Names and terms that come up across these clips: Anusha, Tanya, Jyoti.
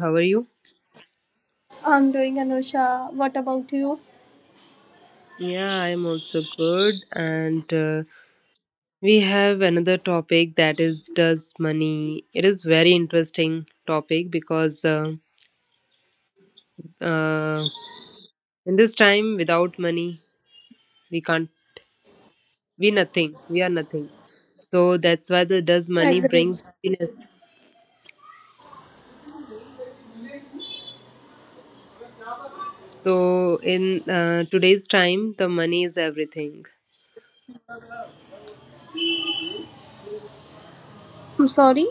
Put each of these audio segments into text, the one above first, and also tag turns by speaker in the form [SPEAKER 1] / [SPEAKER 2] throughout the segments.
[SPEAKER 1] how are you?
[SPEAKER 2] I'm doing, Anusha. What about you?
[SPEAKER 1] Yeah, I'm also good. And we have another topic that is does money. It is very interesting topic because uh, in this time without money we can't we nothing. We are nothing. So that's why the does money
[SPEAKER 2] Agreed.
[SPEAKER 1] brings happiness. So in today's time, the money is everything.
[SPEAKER 2] I'm sorry.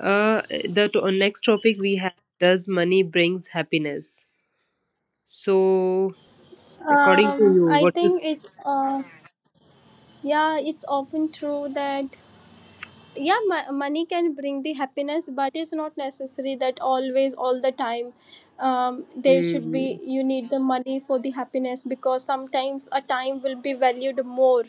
[SPEAKER 1] Uh, Next topic we have does money brings happiness. So according to you
[SPEAKER 2] I
[SPEAKER 1] what you
[SPEAKER 2] think
[SPEAKER 1] say.
[SPEAKER 2] it's yeah, it's often true that, yeah, money can bring the happiness, but it is not necessary that always all the time. There should be
[SPEAKER 1] Mhm.
[SPEAKER 2] You need the money for the happiness, because sometimes a time will be valued more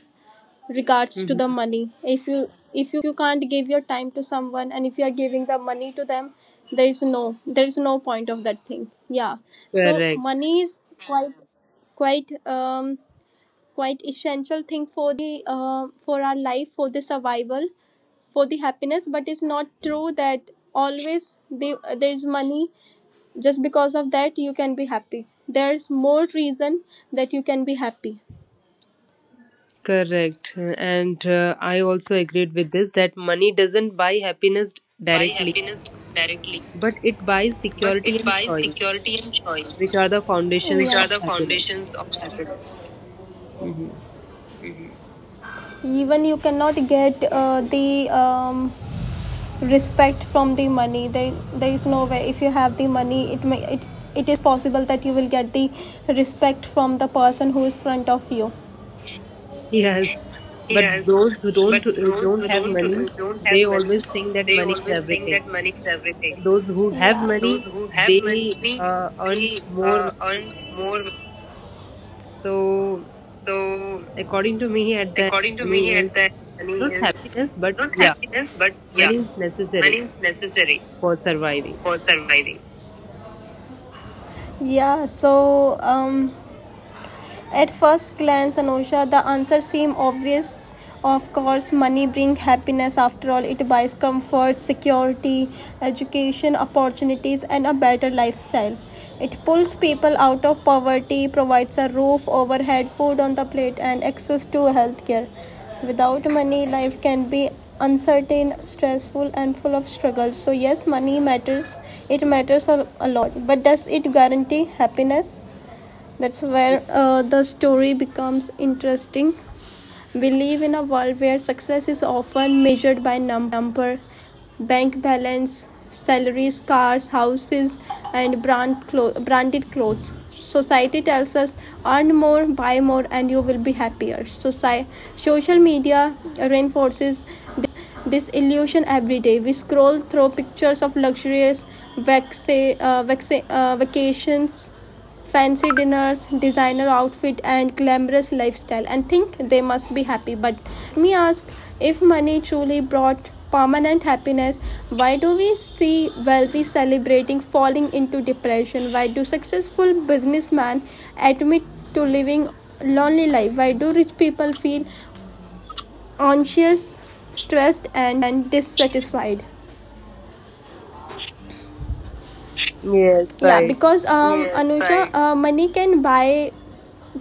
[SPEAKER 2] regards to the
[SPEAKER 1] Mhm.
[SPEAKER 2] money. If you can't give your time to someone, and if you are giving the money to them, there is no point of that thing. Yeah. So
[SPEAKER 1] Correct,
[SPEAKER 2] money is quite quite um quite essential thing for the for our life, for the survival, for the happiness. But it's not true that always there's money just because of that you can be happy. There's more reason that you can be happy.
[SPEAKER 1] correct and I also agreed with this that money doesn't buy happiness directly, but it buys security and choice, which are the foundations of
[SPEAKER 2] Yeah,
[SPEAKER 1] happiness. Mhm.
[SPEAKER 2] even you cannot get the respect from the money. There is no way if you have the money. It is possible that you will get the respect from the person who is front of you.
[SPEAKER 1] Yes, but those who don't have money, they always think that money is everything, and those who have
[SPEAKER 2] Yeah,
[SPEAKER 1] money they earn more money. So according to me, at the end, money is not happiness, but yeah, money is necessary for surviving.
[SPEAKER 2] yeah. So at first glance, Anusha, the answer seems obvious. Of course, money brings happiness. After all, it buys comfort, security, education, opportunities, and a better lifestyle. It pulls people out of poverty, provides a roof overhead, food on the plate, and access to healthcare. Without money, life can be uncertain, stressful, and full of struggle. So, yes, money matters. It matters a lot. But does it guarantee happiness? That's where the story becomes interesting. We live in a world where success is often measured by number, bank balance, salaries, cars, houses, and branded clothes. Society tells us, earn more, buy more, and you will be happier. Social media reinforces this illusion every day. We scroll through pictures of luxurious vac- vacations, fancy dinners, designer outfit and glamorous lifestyle, and think they must be happy. But let me ask, if money truly brought permanent happiness, why do we see wealthy celebrating falling into depression? Why do successful businessmen admit to living lonely life? Why do rich people feel anxious, stressed and dissatisfied?
[SPEAKER 1] Yes,
[SPEAKER 2] Yeah,
[SPEAKER 1] right.
[SPEAKER 2] because, Anusha, money can buy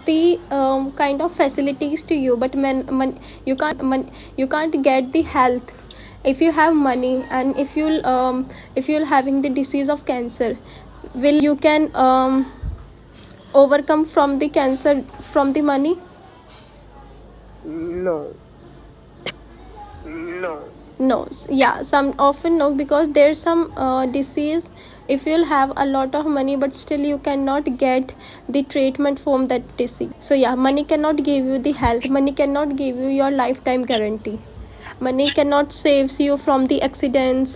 [SPEAKER 2] the kind of facilities to you, but man, you can't get the health. If you have money, and if you'll if you're having the disease of cancer, will you can overcome from the cancer from the money?
[SPEAKER 1] Mm. No.
[SPEAKER 2] No. Yeah, some often no, because there's some disease if you'll have a lot of money, but still you cannot get the treatment from that disease. So yeah, money cannot give you the health. Money cannot give you your lifetime guarantee. Money cannot saves you from the accidents,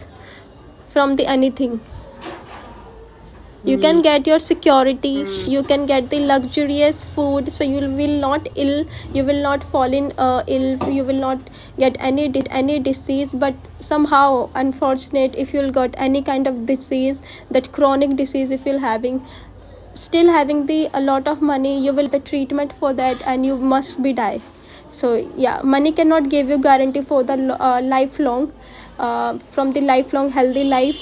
[SPEAKER 2] from the anything. You
[SPEAKER 1] Hmm.
[SPEAKER 2] can get your security. You can get the luxurious food. So you will not ill. You will not fall in ill. You will not get any disease. But somehow, unfortunate, if you'll got any kind of disease, that chronic disease, if you're having, still having the a lot of money, you will not get the treatment for that, and you must be die. So yeah, money cannot give you guarantee for the lo- lifelong from the lifelong healthy life.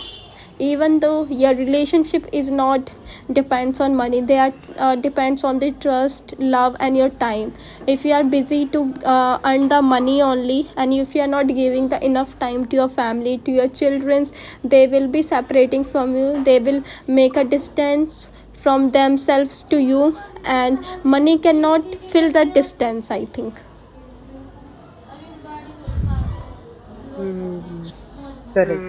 [SPEAKER 2] Even though, your relationship is not depends on money. They are depends on the trust, love, and your time. If you are busy to earn the money only, and if you are not giving the enough time to your family, to your childrens, they will be separating from you. They will make a distance from themselves to you, and money cannot fill that distance, I think.
[SPEAKER 1] hmm Correct.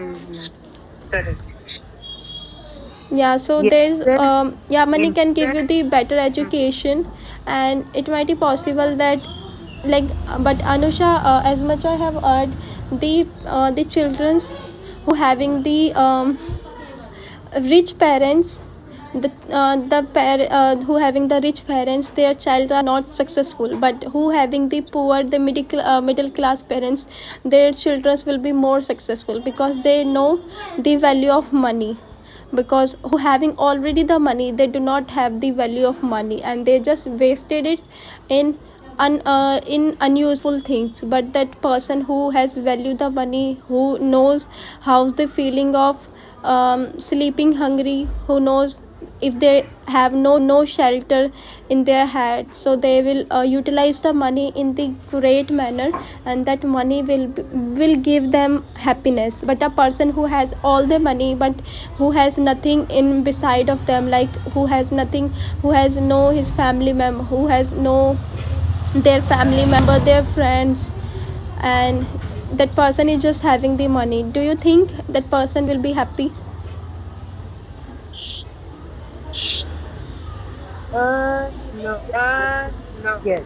[SPEAKER 2] Yeah. So
[SPEAKER 1] Yes.
[SPEAKER 2] there's
[SPEAKER 1] Then,
[SPEAKER 2] yeah, money
[SPEAKER 1] hmm,
[SPEAKER 2] can give you the better education, and it might be possible that, like, but Anusha, as much I have heard, the children's who having the rich parents, who having the rich parents, their child are not successful, but who having the poor, the middle class parents, their children will be more successful, because they know the value of money. Because who having already the money, they do not have the value of money, and they just wasted it in in unuseful things. But that person who has value the money, who knows how's the feeling of sleeping hungry, who knows if they have no shelter in their head, so they will utilize the money in the great manner, and that money will give them happiness. But a person who has all the money, but who has nothing in beside of them, like, who has nothing, who has no their family member, their friends, and that person is just having the money. Do you think that person will be happy?
[SPEAKER 1] no, but yes.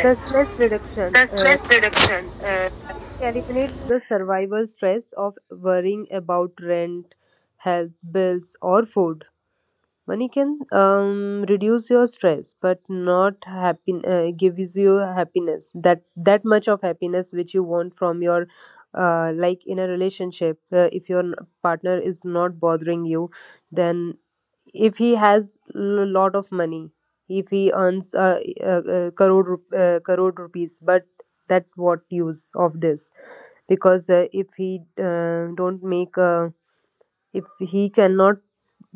[SPEAKER 1] The stress reduction eliminates the survival stress of worrying about rent, health, bills, or food. Money can reduce your stress, but not happy gives you happiness. That much of happiness which you want from your like in a relationship. If your partner is not bothering you, then if he has lot of money, if he earns crore rupees, but that what use of this? Because if he don't make a if he cannot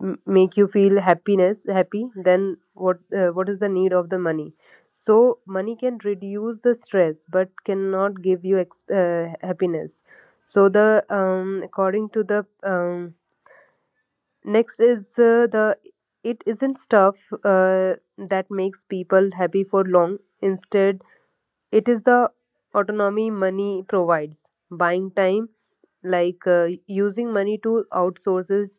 [SPEAKER 1] make you feel happiness happy, then what is the need of the money? So money can reduce the stress but cannot give you happiness. So the according to the next is the it isn't stuff uh, that makes people happy for long, instead it is the autonomy money provides. Buying time, like using money to outsource it,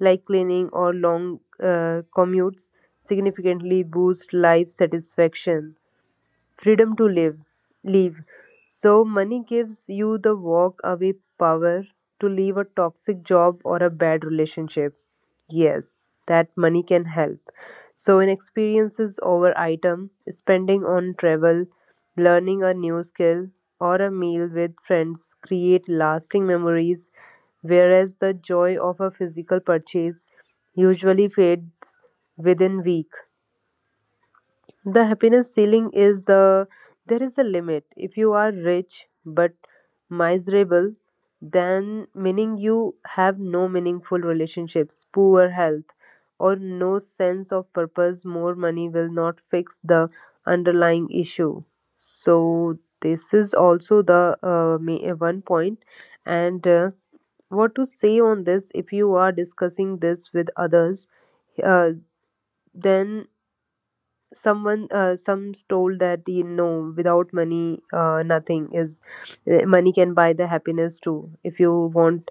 [SPEAKER 1] like cleaning or long commutes, significantly boost life satisfaction, freedom to live leave. So money gives you the walk away power to leave a toxic job or a bad relationship. Yes, that money can help. So in experiences over item, spending on travel, learning a new skill, or a meal with friends create lasting memories, whereas the joy of a physical purchase usually fades within week. The happiness ceiling is the there is a limit. If you are rich but miserable, then meaning you have no meaningful relationships, poor health, or no sense of purpose, more money will not fix the underlying issue. So this is also the one point and what to say on this if you are discussing this with others, uh, then someone some told that you know without money nothing is eh, money can buy the happiness too if you want,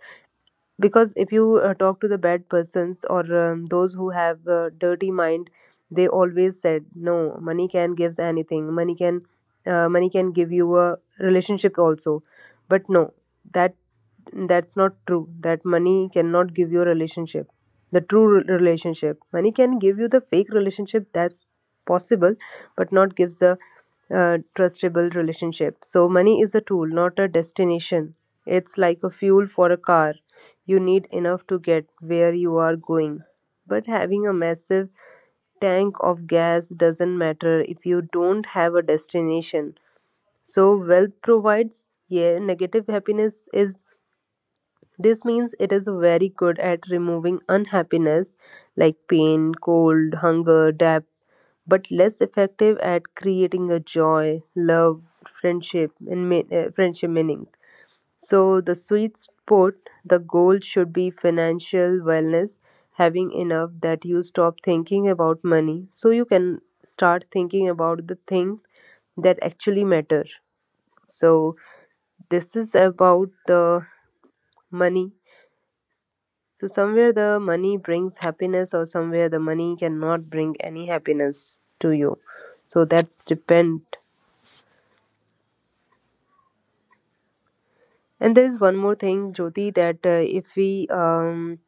[SPEAKER 1] because if you talk to the bad persons or those who have a dirty mind, they always said no money can gives anything, money can give you a relationship also. But no, that that's not true, that money cannot give you a relationship, the true relationship. Money can give you the fake relationship, that's possible, but not gives the trustable relationship. So money is a tool, not a destination. It's like a fuel for a car. You need enough to get where you are going, but having a massive tank of gas doesn't matter if you don't have a destination. So wealth provides, yeah, negative happiness is this means it is very good at removing unhappiness like pain, cold, hunger, debt, but less effective at creating a joy, love, friendship, and friendship meaning. So the sweet spot, the goal should be financial wellness, having enough that you stop thinking about money, so you can start thinking about the things that actually matter. So this is about the money. So somewhere the money brings happiness, or somewhere the money cannot bring any happiness to you. So that's depend. And there is one more thing, Jyoti, that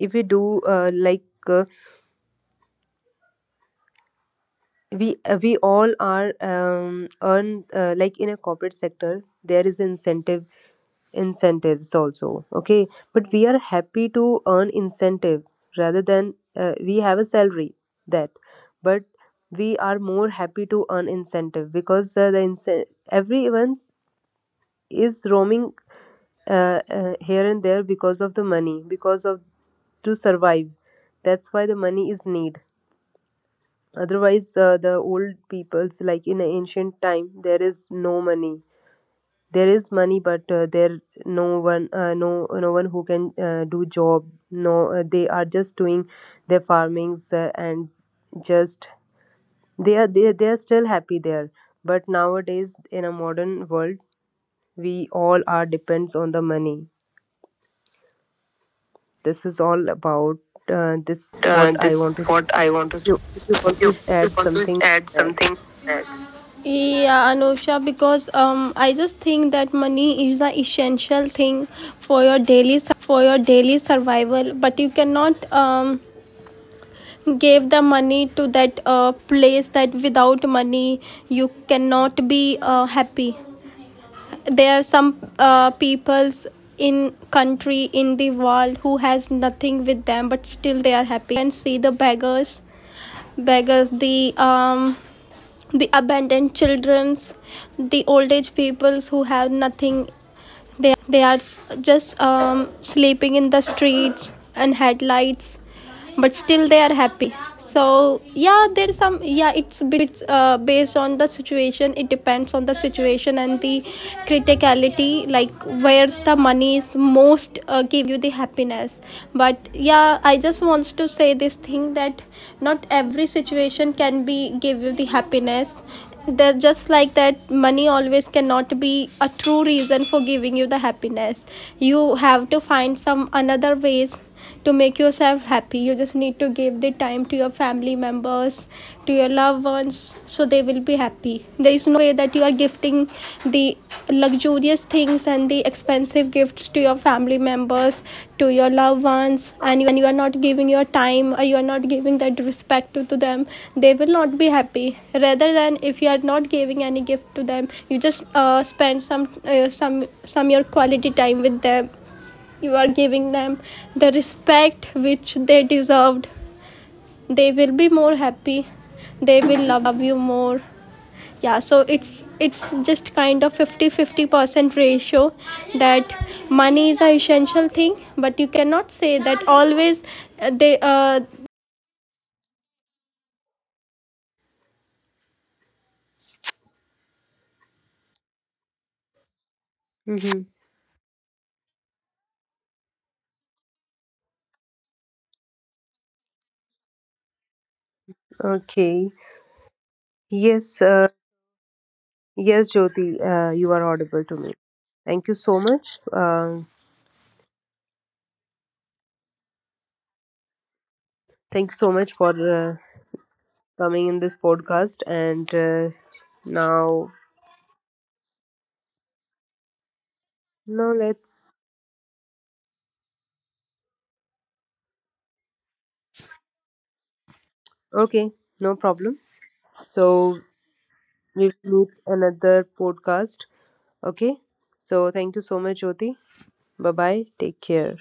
[SPEAKER 1] if we do like uh, we all are earn like in a corporate sector there is incentives also, okay, but we are happy to earn incentive rather than we have a salary that, but we are more happy to earn incentive because everyone is roaming here and there because of the money, because of to survive. That's why the money is need. Otherwise, the old peoples, like in ancient time, there is no money. There is money, but there no one, no no one who can do job. No, they are just doing their farmings and just they are they are still happy there. But nowadays, in a modern world, we all are depends on the money. This is all about this. What I want to say. You, if you want to add something, add.
[SPEAKER 2] Yeah, Anusha, because I just think that money is an essential thing for your daily survival, but you cannot give the money to that place, that without money you cannot be happy. There are some peoples in country in the world who has nothing with them, but still they are happy. If you can see the beggars, the abandoned childrens, the old age peoples who have nothing, they are just sleeping in the streets and headlights, but still they are happy. So yeah, there's some yeah, it's a bit based on the situation. It depends on the situation and the criticality, like, where's the money is most giving you the happiness. But yeah, I just wants to say this thing, that not every situation can be give you the happiness. They just like that money always cannot be a true reason for giving you the happiness. You have to find some another ways to make yourself happy. You just need to give the time to your family members, to your loved ones, so they will be happy. There is no way that you are gifting the luxurious things and the expensive gifts to your family members, to your loved ones, and you are not giving your time, or you are not giving that respect to them. They will not be happy. Rather than, if you are not giving any gift to them, you just spend some your quality time with them, you are giving them the respect which they deserved, they will be more happy, they will love you more. Yeah, so it's just kind of 50-50% ratio, that money is a essential thing, but you cannot say that always, they
[SPEAKER 1] Mm-hmm. Okay. Yes, yes, Jyoti, you are audible to me. Thank you so much. Thank you so much for uh, coming in this podcast. And now, now let's. Okay, no problem. So we'll meet another podcast. Okay. So thank you so much, Jyoti. Bye bye. Take care.